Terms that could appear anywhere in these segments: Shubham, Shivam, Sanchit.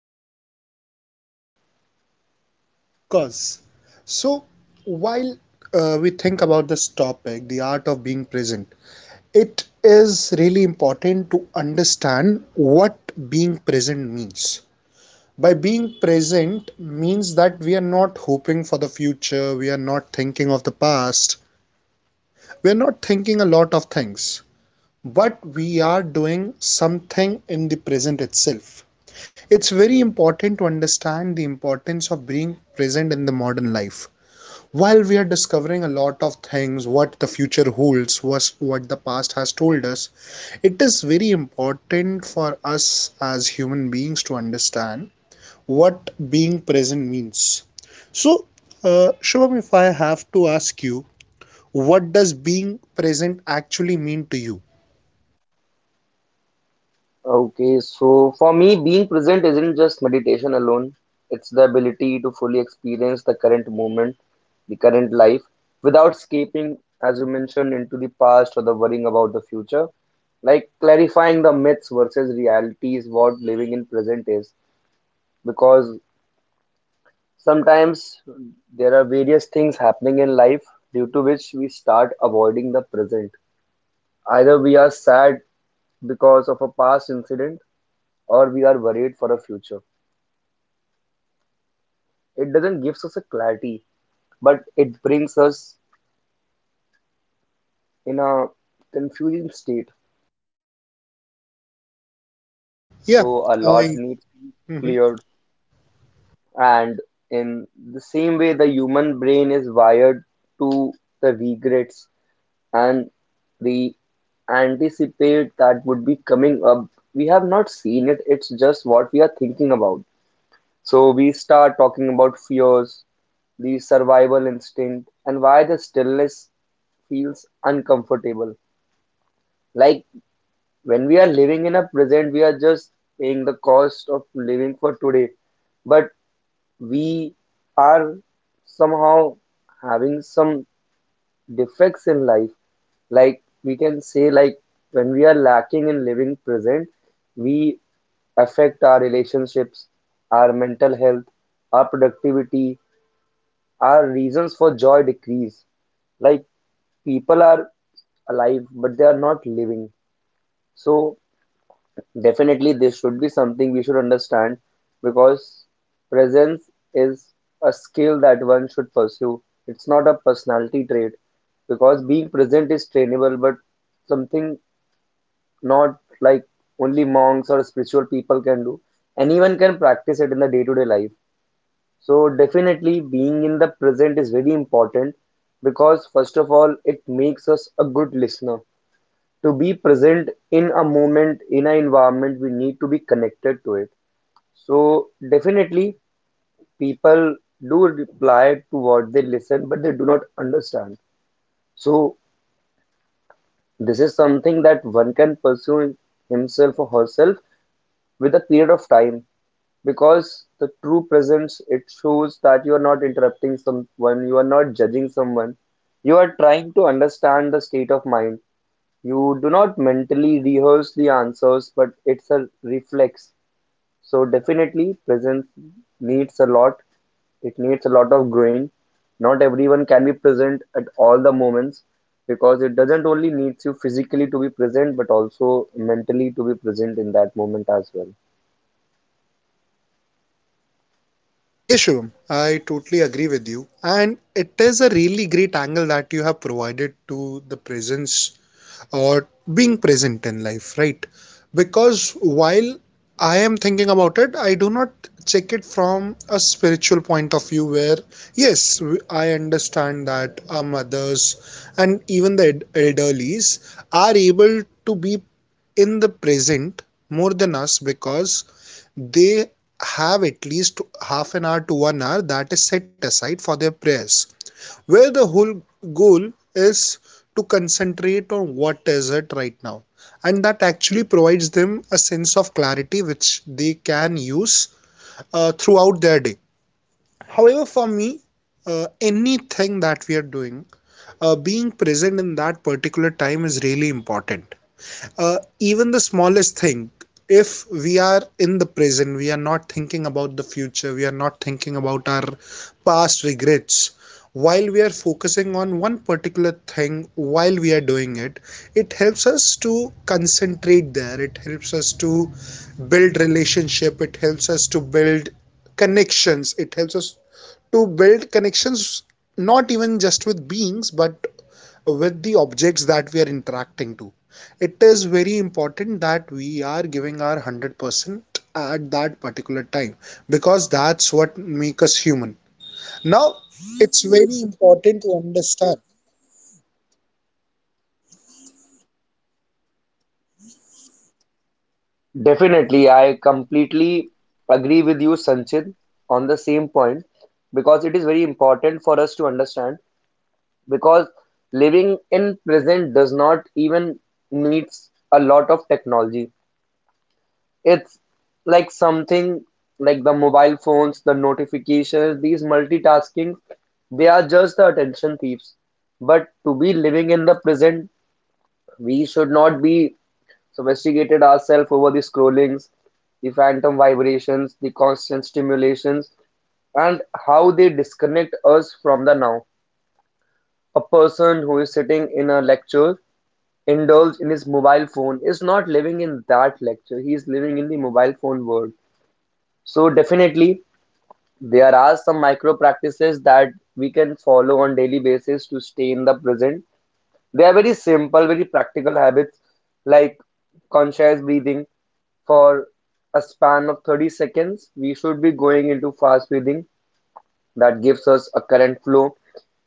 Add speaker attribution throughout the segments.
Speaker 1: Let's hope for the good.
Speaker 2: Of course. So, while we think about this topic, the art of being present, it is really important to understand what being present means. By being present means that we are not hoping for the future, we are not thinking of the past, we're not thinking a lot of things, but we are doing something in the present itself. It's very important to understand the importance of being present in the modern life. While we are discovering a lot of things, what the future holds, was what the past has told us, it is very important for us as human beings to understand what being present means. So, Shubham, if I have to ask you, what does being present actually mean to you?
Speaker 1: Okay, so for me, being present isn't just meditation alone, it's the ability to fully experience the current moment, the current life, without escaping, as you mentioned, into the past or the worrying about the future. Like clarifying the myths versus reality is what living in present is, because sometimes there are various things happening in life due to which we start avoiding the present. Either we are sad because of a past incident, or we are worried for a future. It doesn't gives us a clarity, but it brings us in a confusing state.
Speaker 2: Yeah,
Speaker 1: So a lot
Speaker 2: I
Speaker 1: needs to be
Speaker 2: mhm.
Speaker 1: cleared. And in the same way, the human brain is wired to the regrets and the anticipate that would be coming up. We have not seen it. It's just what we are thinking about. So we start talking about fears, the survival instinct, and why the stillness feels uncomfortable. Like when we are living in a present, we are just paying the cost of living for today, but we are somehow having some defects in life. Like we can say, like when we are lacking in living present, we affect our relationships, our mental health, our productivity, our reasons for joy decrease. Like people are alive, but they are not living. So definitely, this should be something we should understand, because presence is a skill that one should pursue. It's not a personality trait, because being present is trainable, but something not like only monks or spiritual people can do. Anyone can practice it in the day-to-day life. So, definitely, being in the present is very important because, first of all, it makes us a good listener. To be present in a moment, in an environment, we need to be connected to it. So definitely people do reply to what they listen, but they do not understand. So this is something that one can pursue himself or herself with a period of time, because the true presence it shows that you are not interrupting someone, you are not judging someone, you are trying to understand the state of mind. You do not mentally rehearse the answers, but it's a reflex. So definitely presence needs a lot. It needs a lot of growing. Not everyone can be present at all the moments, because it doesn't only needs you physically to be present, but also mentally to be present in that moment as well.
Speaker 2: Yeah, Shivam, I totally agree with you. And it is a really great angle that you have provided to the presence or being present in life, right? Because while I am thinking about it, I do not check it from a spiritual point of view where, yes, I understand that our mothers and even the elderlies are able to be in the present more than us because they have at least half an hour to 1 hour that is set aside for their prayers, where the whole goal is to concentrate on what is it right now. And that actually provides them a sense of clarity which they can use throughout their day. However, for me, anything that we are doing, being present in that particular time is really important, even the smallest thing. If we are in the present, we are not thinking about the future, we are not thinking about our past regrets. While we are focusing on one particular thing, while we are doing it, it helps us to concentrate there, it helps us to build relationship, it helps us to build connections, it helps us to build connections not even just with beings but with the objects that we are interacting to. It is very important that we are giving our 100% at that particular time, because that's what makes us human. Now, it's very important to understand.
Speaker 1: Definitely, I completely agree with you, Sanchit, on the same point, because it is very important for us to understand, because living in present does not even needs a lot of technology. It's like something like the mobile phones, the notifications, these multitasking, they are just the attention thieves. But to be living in the present, we should not be sophisticated ourselves over the scrollings, the phantom vibrations, the constant stimulations, and how they disconnect us from the now. A person who is sitting in a lecture indulge in his mobile phone is not living in that lecture, he is living in the mobile phone world. So definitely there are some micro practices that we can follow on daily basis to stay in the present. They are very simple, very practical habits, like conscious breathing. For a span of 30 seconds we should be going into fast breathing. That gives us a current flow.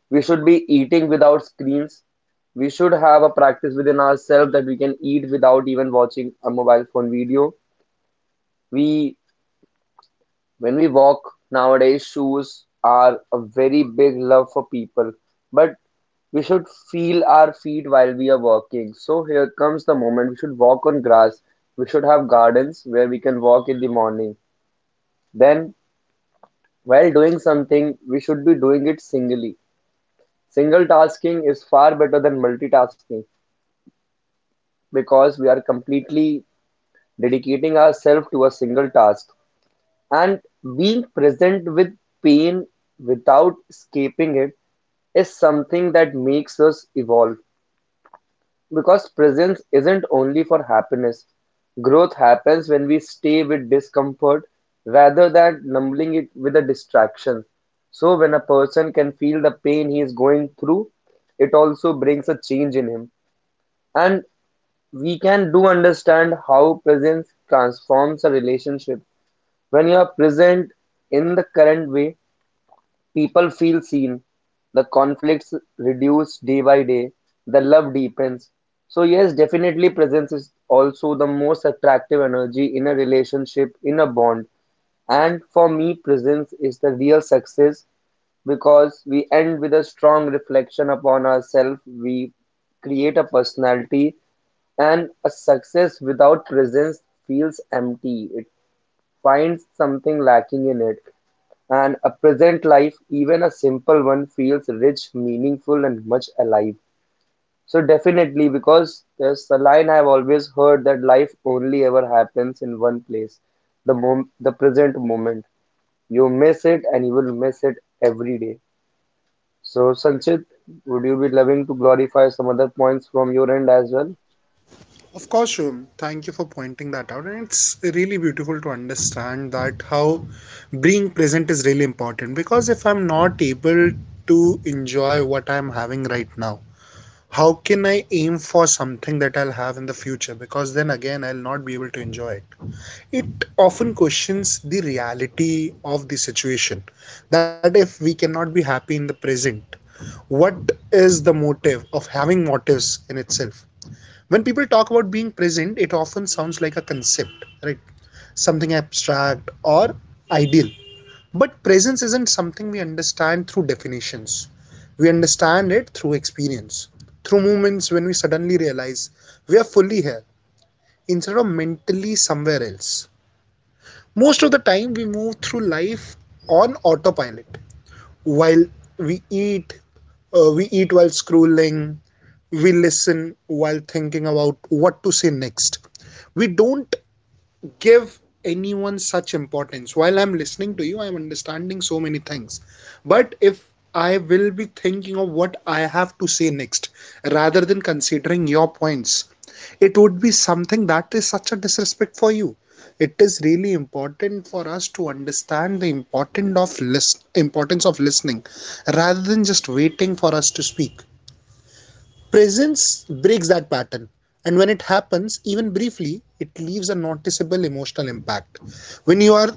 Speaker 1: We should be eating without screens. We should have a practice within ourselves that we can eat without even watching a mobile phone video. We, when we walk nowadays, shoes are a very big love for people, but we should feel our feet while we are walking. So here comes the moment we should walk on grass. We should have gardens where we can walk in the morning. Then, while doing something, we should be doing it singly. Single tasking is far better than multitasking, because we are completely dedicating ourselves to a single task, and being present with pain without escaping it is something that makes us evolve, because presence isn't only for happiness. Growth happens when we stay with discomfort rather than numbing it with a distraction. So when a person can feel the pain he is going through, it also brings a change in him. And we can do understand how presence transforms a relationship. When you are present in the current way, people feel seen. The conflicts reduce day by day. The love deepens. So yes, definitely presence is also the most attractive energy in a relationship, in a bond. And for me, presence is the real success, because we end with a strong reflection upon ourselves, we create a personality, and a success without presence feels empty. It finds something lacking in it. And a present life, even a simple one, feels rich, meaningful, and much alive. So, definitely, because there's a line I've always heard that life only ever happens in one place, the present moment. You miss it, and you will miss it every day. So, Sanchit, would you be loving to glorify some other points from your end as well?
Speaker 2: Of course, Shubham, thank you for pointing that out, and it's really beautiful to understand that how being present is really important, because if I'm not able to enjoy what I'm having right now, how can I aim for something that I'll have in the future? Because then again, I'll not be able to enjoy it. It often questions the reality of the situation. That if we cannot be happy in the present, what is the motive of having motives in itself? When people talk about being present, it often sounds like a concept, right? Something abstract or ideal. But presence isn't something we understand through definitions. We understand it through experience, through moments when we suddenly realize we are fully here instead of mentally somewhere else. Most of the time, we move through life on autopilot. While we eat, we eat while scrolling, we listen while thinking about what to say next. We don't give anyone such importance. While I'm listening to you, I'm understanding so many things. But if I will be thinking of what I have to say next rather than considering your points, it would be something that is such a disrespect for you. It is really important for us to understand the important of list importance of listening rather than just waiting for us to speak. Presence breaks that pattern. And when it happens, even briefly, it leaves a noticeable emotional impact. When you are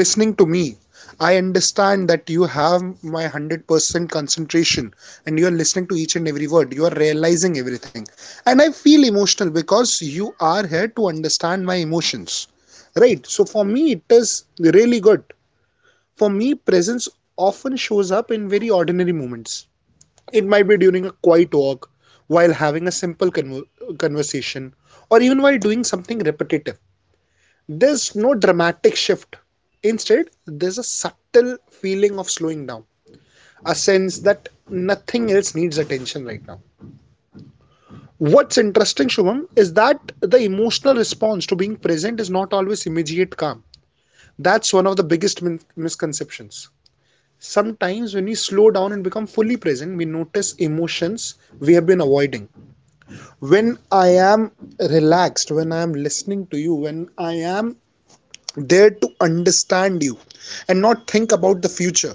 Speaker 2: listening to me, I understand that you have my 100% concentration, and you are listening to each and every word. You are realizing everything. And I feel emotional because you are here to understand my emotions. Right? So for me, it is really good. For me, presence often shows up in very ordinary moments. It might be during a quiet walk, while having a simple conversation, or even while doing something repetitive. There's no dramatic shift. Instead, there's a subtle feeling of slowing down, a sense that nothing else needs attention right now. What's interesting, Shubham, is that the emotional response to being present is not always immediate calm. That's one of the biggest misconceptions. Sometimes, when we slow down and become fully present, we notice emotions we have been avoiding. When I am relaxed, when I am listening to you, when I am there to understand you and not think about the future,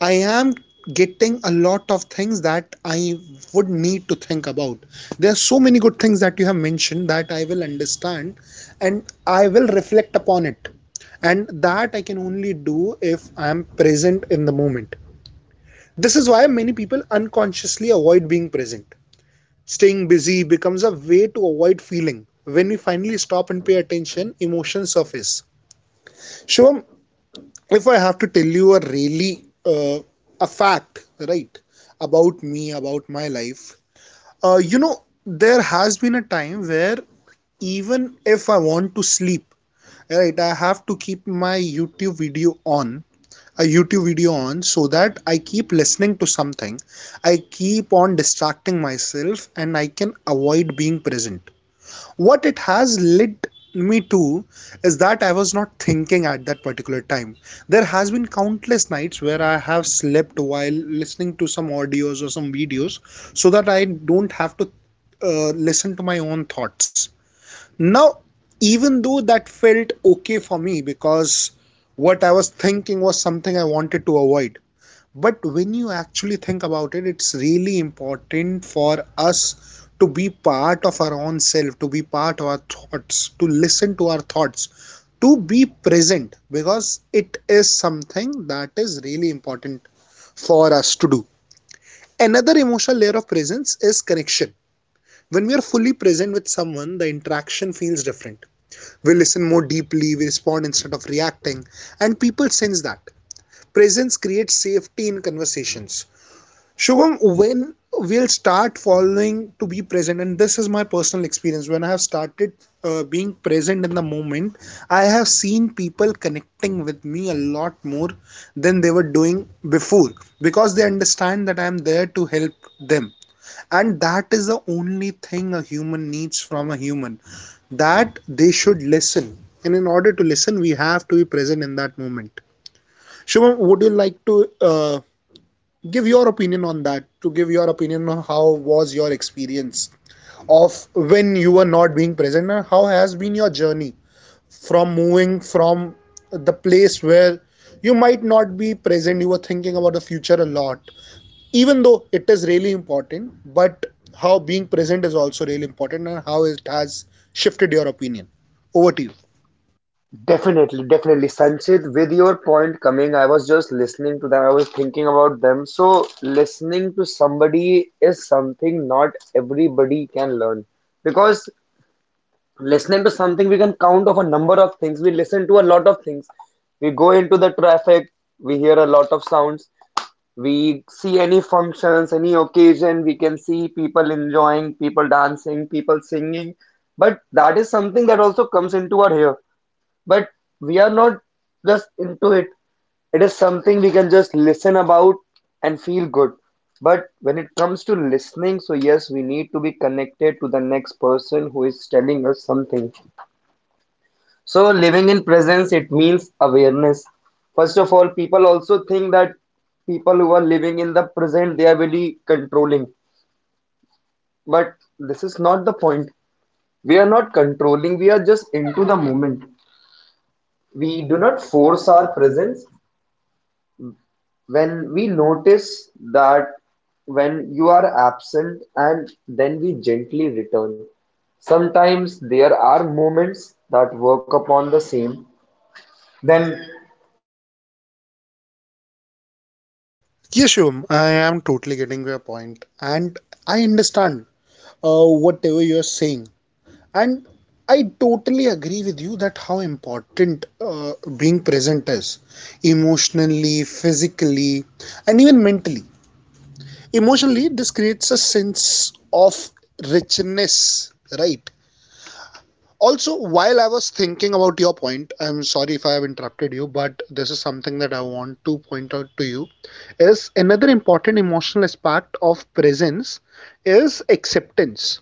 Speaker 2: I am getting a lot of things that I would need to think about. There are so many good things that you have mentioned that I will understand and I will reflect upon it. And that I can only do if I am present in the moment. This is why many people unconsciously avoid being present. Staying busy becomes a way to avoid feeling. When we finally stop and pay attention, emotions surface. Shivam, if I have to tell you a really a fact, right, about me, about my life, there has been a time where even if I want to sleep, right, I have to keep my YouTube video on, a YouTube video on, so that I keep listening to something. I keep on distracting myself, and I can avoid being present. What it has led me to is that I was not thinking at that particular time. There has been countless nights where I have slept while listening to some audios or some videos so that I don't have to listen to my own thoughts. Now, even though that felt okay for me because what I was thinking was something I wanted to avoid, but when you actually think about it, it's really important for us to be part of our own self, to be part of our thoughts, to listen to our thoughts, to be present, because it is something that is really important for us to do. Another emotional layer of presence is connection. When we are fully present with someone, the interaction feels different. We listen more deeply, we respond instead of reacting, and people sense that. Presence creates safety in conversations. Shubham, when we'll start following to be present, and this is my personal experience, when I have started being present in the moment, I have seen people connecting with me a lot more than they were doing before because they understand that I am there to help them. And that is the only thing a human needs from a human, that they should listen. And in order to listen, we have to be present in that moment. Shubham, would you like to give your opinion on that, to give your opinion on how was your experience of when you were not being present and how has been your journey from moving from the place where you might not be present, you were thinking about the future a lot, even though it is really important, but how being present is also really important and how it has shifted your opinion. Over to you.
Speaker 1: Definitely. Sanchit, with your point coming, I was just listening to them. I was thinking about them. So, listening to somebody is something not everybody can learn. Because listening to something, we can count of a number of things. We listen to a lot of things. We go into the traffic, we hear a lot of sounds. We see any functions, any occasion, we can see people enjoying, people dancing, people singing. But that is something that also comes into our ear. But we are not just into it. It is something we can just listen about and feel good. But when it comes to listening, so yes, we need to be connected to the next person who is telling us something. So living in presence, it means awareness. First of all, people also think that people who are living in the present, they are really controlling. But this is not the point. We are not controlling, we are just into the moment. We do not force our presence. When we notice that when you are absent and then we gently return. Sometimes there are moments that work upon the same, then we also do need to understand
Speaker 2: Yes,
Speaker 1: that
Speaker 2: Shivam,
Speaker 1: the
Speaker 2: I am
Speaker 1: body
Speaker 2: totally
Speaker 1: it
Speaker 2: getting your
Speaker 1: lives
Speaker 2: point, and
Speaker 1: in the
Speaker 2: I
Speaker 1: present
Speaker 2: understand
Speaker 1: and the
Speaker 2: whatever you're
Speaker 1: mind
Speaker 2: saying.
Speaker 1: wanders.
Speaker 2: And
Speaker 1: The
Speaker 2: I
Speaker 1: body is
Speaker 2: totally
Speaker 1: always
Speaker 2: agree
Speaker 1: now.
Speaker 2: with you that how important
Speaker 1: Sensations, breath,
Speaker 2: being
Speaker 1: heartbeat.
Speaker 2: present is
Speaker 1: They use the body as
Speaker 2: emotionally,
Speaker 1: an anchor. We
Speaker 2: physically,
Speaker 1: just need
Speaker 2: and
Speaker 1: to
Speaker 2: even mentally.
Speaker 1: understand till where
Speaker 2: Emotionally,
Speaker 1: we
Speaker 2: this
Speaker 1: need
Speaker 2: creates a
Speaker 1: to be
Speaker 2: sense
Speaker 1: working.
Speaker 2: of richness, right? Also, while I was thinking about your point, I'm sorry if I have interrupted you, but this is something that I want to point out to you. Is another important emotional aspect of presence is acceptance.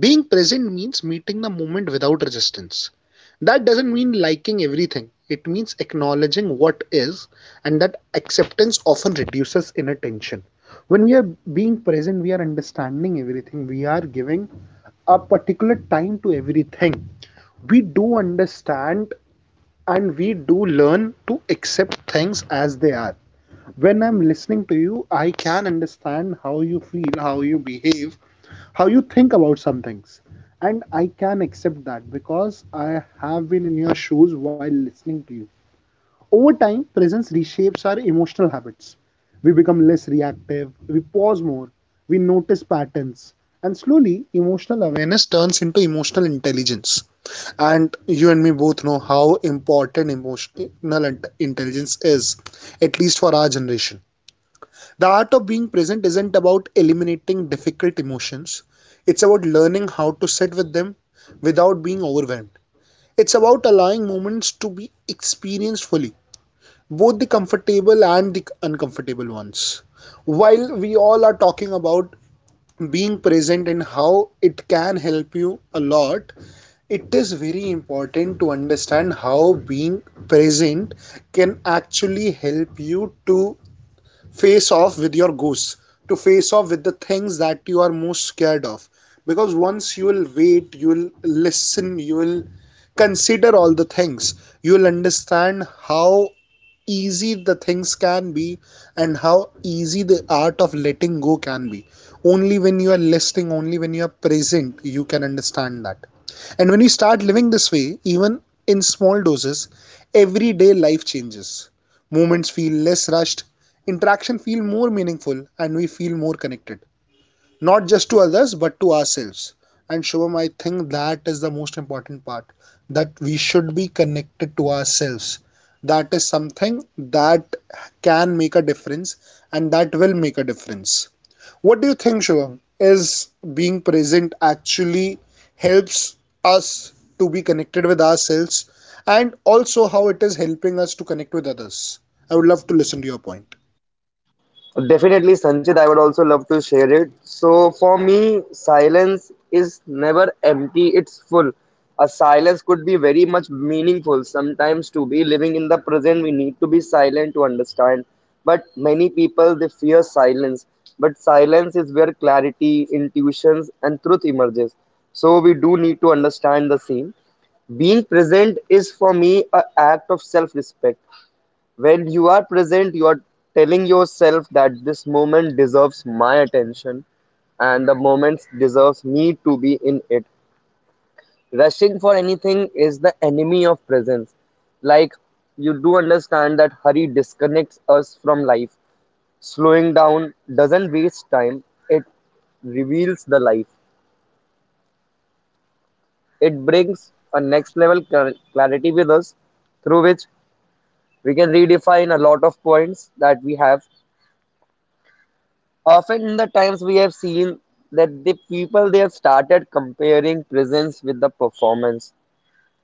Speaker 2: Being present means meeting the moment without resistance. That doesn't mean liking everything. It means acknowledging what is, and that acceptance often reduces inner tension. When we are being present, we are understanding everything. We are giving a particular time to everything. We do understand and we do learn to accept things as they are. When I'm listening to you, I can understand how you feel, how you behave, how you think about some things. And I can accept that because I have been in your shoes while listening to you. Over time, presence reshapes our emotional habits. We become less reactive, we pause more, we notice patterns, and slowly emotional awareness turns into emotional intelligence. And you and me both know how important emotional intelligence is, at least for our generation. The art of being present isn't about eliminating difficult emotions, it's about learning how to sit with them without being overwhelmed. It's about allowing moments to be experienced fully, both the comfortable and the uncomfortable ones. While we all are talking about being present and how it can help you a lot, it is very important to understand how being present can actually help you to face off with your ghosts, to face off with the things that you are most scared of. Because once you will wait, you will listen, you will consider all the things, you will understand how easy the things can be and how easy the art of letting go can be. Only when you are listening, only when you are present, you can understand that. And when you start living this way, even in small doses, everyday life changes. Moments feel less rushed, interaction feel more meaningful, and we feel more connected, not just to others but to ourselves. And Shubham, I think that is the most important part, that we should be connected to ourselves. That is something that can make a difference, and that will make a difference. What do you think, Shubham? Is being present actually helps us to be connected with ourselves, and also how it is helping us to connect with others? I would love to listen to your point.
Speaker 1: Definitely, Sanchit, I would also love to share it. So, for me, silence is never empty, it's full. A silence could be very much meaningful. Sometimes, to be living in the present, we need to be silent to understand. But many people they fear silence. But silence is where clarity, intuitions, and truth emerges. So, we do need to understand the same. Being present is for me a act of self respect. When you are present, you are telling yourself that this moment deserves my attention and the moment deserves me to be in it. Rushing for anything is the enemy of presence. Like, you do understand that hurry disconnects us from life. Slowing down doesn't waste time, it reveals the life. It brings a next level clarity with us, through which we can redefine a lot of points that we have. Often in the times we have seen that the people they have started comparing presence with the performance.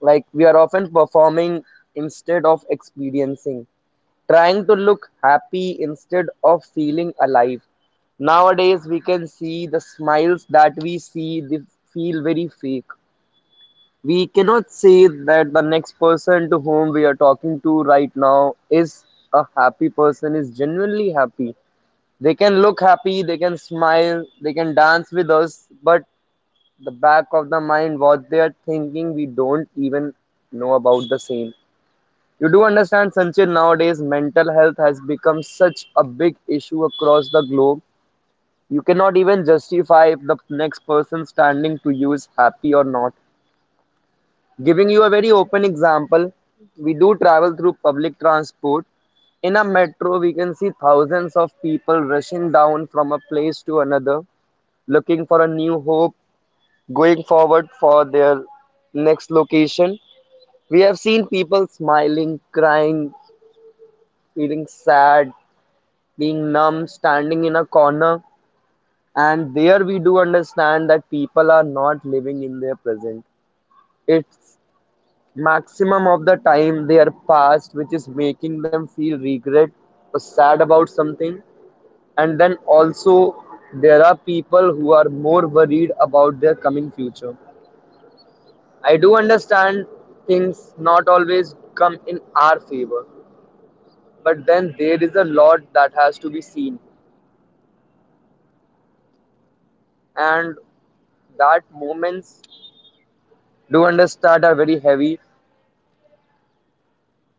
Speaker 1: Like we are often performing instead of experiencing, trying to look happy instead of feeling alive. Nowadays we can see the smiles that we see they feel very fake. We cannot say that the next person to whom we are talking to right now is a happy person, is genuinely happy. They can look happy, they can smile, they can dance with us, but the back of the mind, what they are thinking, we don't even know about the same. You do understand, Sanchit, nowadays mental health has become such a big issue across the globe. You cannot even justify if the next person standing to you is happy or not. Giving you a very open example, we do travel through public transport. In a metro, we can see thousands of people rushing down from a place to another, looking for a new hope, going forward for their next location. We have seen people smiling, crying, feeling sad, being numb, standing in a corner. And there we do understand that people are not living in their present. It's maximum of the time their past which is making them feel regret or sad about something. And then also there are people who are more worried about their coming future. I do understand things not always come in our favor, but then there is a lot that has to be seen, and that moments do understand are very heavy.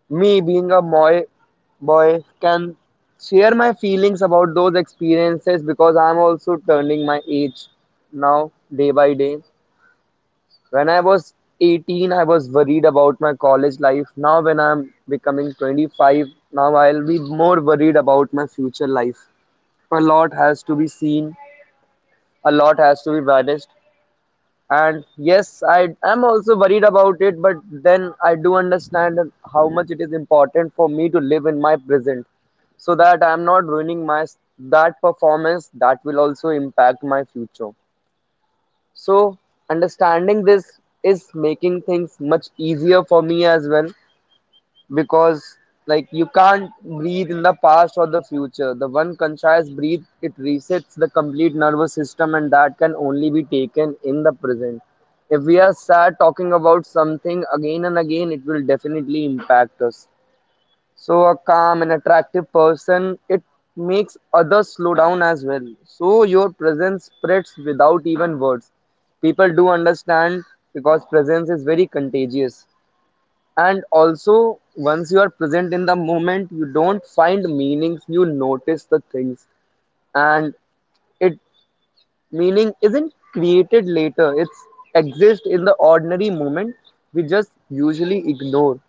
Speaker 1: Me being a boy, boy can share my feelings about those experiences, because I'm also turning my age now day by day. When I was 18, I was worried about my college life. Now, when I'm becoming 25, now I'll be more worried about my future life. A lot has to be seen, a lot has to be vanished, and yes, I am also worried about it, but then I do understand how much it is important for me to live in my present, so that I am not ruining my that performance that will also impact my future. So understanding this is making things much easier for me as well, because like you can't breathe in the past or the future. The one conscious breathe it resets the complete nervous system, and that can only be taken in the present. If we are sad talking about something again and again, it will definitely impact us. So a calm and attractive person it makes others slow down as well, so your presence spreads without even words. People do understand, because presence is very contagious. And also, once you are present in the moment, you don't find meanings, you notice the things. And it meaning isn't created later, it's exists in the ordinary moment we just usually ignore.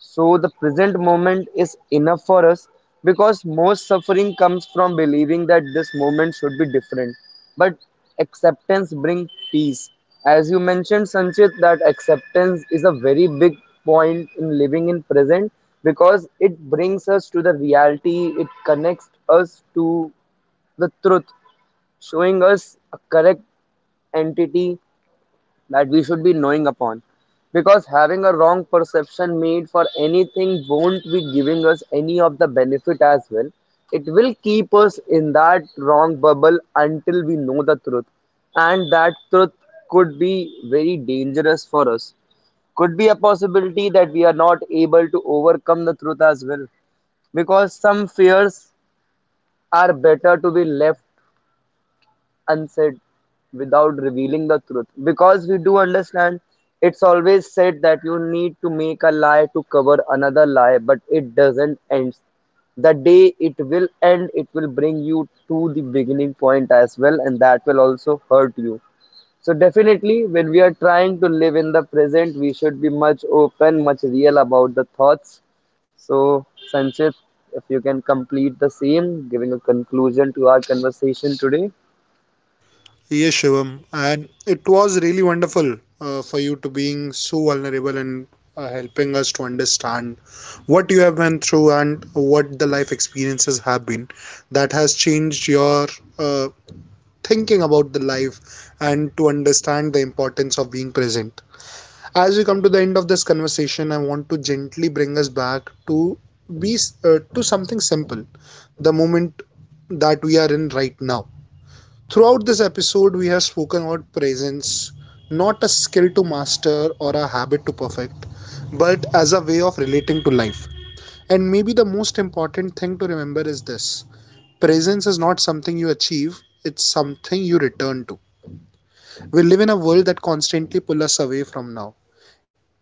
Speaker 1: So the present moment is enough for us, because most suffering comes from believing that this moment should be different. But acceptance brings peace. As you mentioned, Sanchit, that acceptance is a very big point in living in present, because it brings us to the reality, it connects us to the truth, showing us a correct entity that we should be knowing upon, because having a wrong perception made for anything won't be giving us any of the benefit as well. It will keep us in that wrong bubble until we know the truth, and that truth could be very dangerous for us. Could be a possibility that we are not able to overcome the truth as well, because some fears are better to be left unsaid without revealing the truth, because we do understand it's always said that you need to make a lie to cover another lie, but it doesn't end. The day it will end, it will bring you to the beginning point as well, and that will also hurt you. So definitely when we are trying to live in the present we should be much open, much real about the thoughts. So, Sanchit, if you can complete the same giving a conclusion to our conversation today.
Speaker 2: Yes, Shivam, and it was really wonderful for you to being so vulnerable and helping us to understand what you have been through and what the life experiences have been that has changed your uh, thinking about the life and to understand the importance of being present. As we come to the end of this conversation, I want to gently bring us back to be to something simple, the moment that we are in right now. Throughout this episode, we have spoken about presence, not a skill to master or a habit to perfect, but as a way of relating to life. And maybe the most important thing to remember is this: presence is not something you achieve, it's something you return to. We live in a world that constantly pulls us away from now,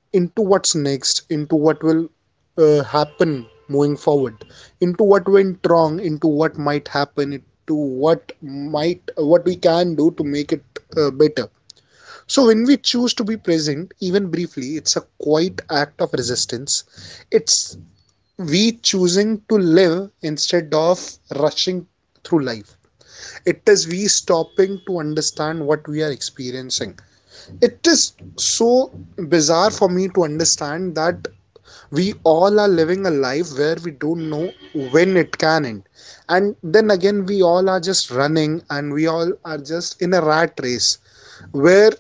Speaker 2: into what's next, into what will happen moving forward, into what went wrong, into what might happen, into what might, what we can do to make it better. So when we choose to be present, even briefly, it's a quiet act of resistance. It's we choosing to live instead of rushing through life. It is we stopping to understand what we are experiencing. It is so bizarre for me to understand that we all are living a life where we don't know when it can end, and then again we all are just running and we all are just in a rat race where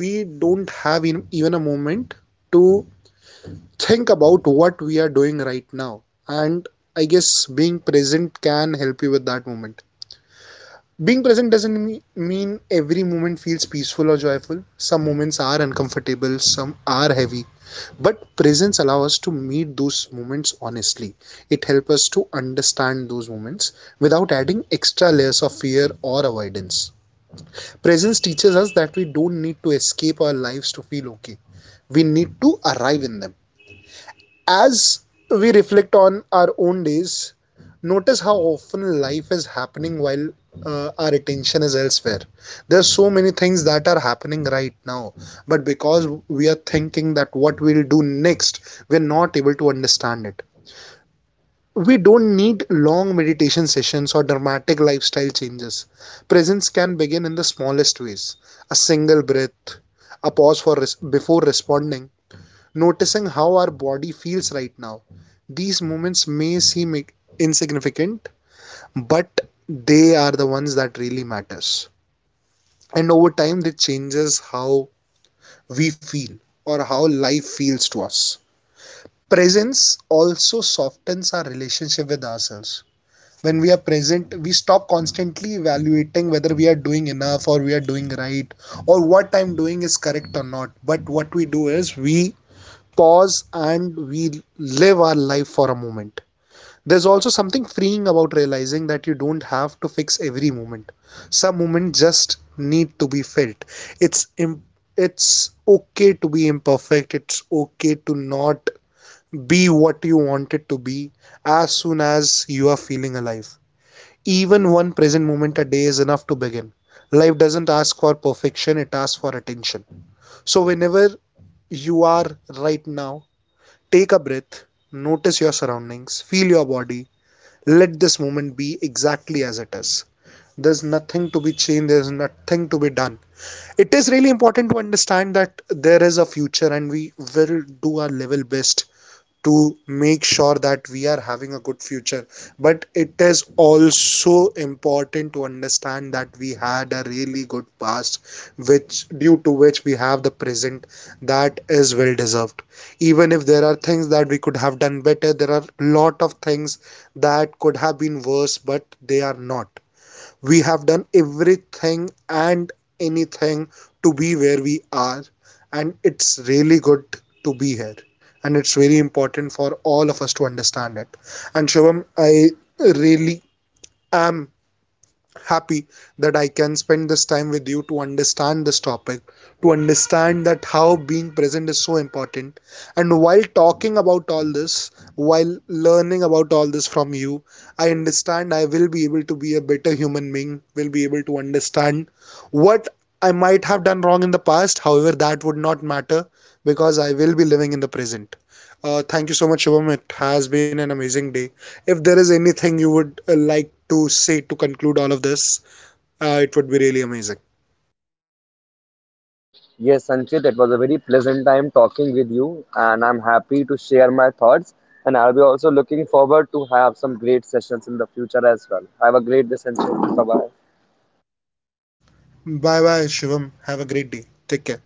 Speaker 2: we don't have even a moment to think about what we are doing right now. And I guess being present can help you with that moment. Being present doesn't mean every moment feels peaceful or joyful. Some moments are uncomfortable, some are heavy, but presence allows us to meet those moments honestly. It helps us to understand those moments without adding extra layers of fear or avoidance. Presence teaches us that we don't need to escape our lives to feel okay, we need to arrive in them. As we reflect on our own days, notice how often life is happening while our attention is elsewhere. There's so many things that are happening right now, but because we are thinking that what we'll do next, we're not able to understand it. We don't need long meditation sessions or dramatic lifestyle changes. Presence can begin in the smallest ways: a single breath, a pause for res- before responding, noticing how our body feels right now. These moments may seem insignificant, but they are the ones that really matters. And over time, they changes how we feel or how life feels to us. Presence also softens our relationship with ourselves. When we are present, we stop constantly evaluating whether we are doing enough or we are doing right, or what I'm doing is correct or not. But what we do is we pause and we live our life for a moment. There's also something freeing about realizing that you don't have to fix every moment. Some moments just need to be felt. It's it's okay to be imperfect. It's okay to not be what you want it to be, as soon as you are feeling alive. Even one present moment a day is enough to begin. Life doesn't ask for perfection, it asks for attention. So, whenever you are right now, take a breath, notice your surroundings, feel your body. Let this moment be exactly as it is. There's nothing to be changed, there's nothing to be done. It is really important to understand that there is a future and we will do our level best to make sure that we are having a good future, but it is also important to understand that we had a really good past, which due to which we have the present that is well deserved. Even if there are things that we could have done better, there are a lot of things that could have been worse but they are not. We have done everything and anything to be where we are, and it's really good to be here. And it's really important for all of us to understand it. And Shivam, I really am happy that I can spend this time with you to understand this topic, to understand that how being present is so important. And while talking about all this, while learning about all this from you, I understand I will be able to be a better human being, will be able to understand what I might have done wrong in the past. However, that would not matter because I will be living in the present. Thank you so much, Shubham. It has been an amazing day. If there is anything you would like to say to conclude all of this, it would be really amazing.
Speaker 1: Yes, Sanchit, it was a very pleasant time talking with you, and I'm happy to share my thoughts. And I'll be also looking forward to have some great sessions in the future as well. Have a great day, Sanchit. Bye bye.
Speaker 2: Bye bye, Shivam. Have a great day. Take care.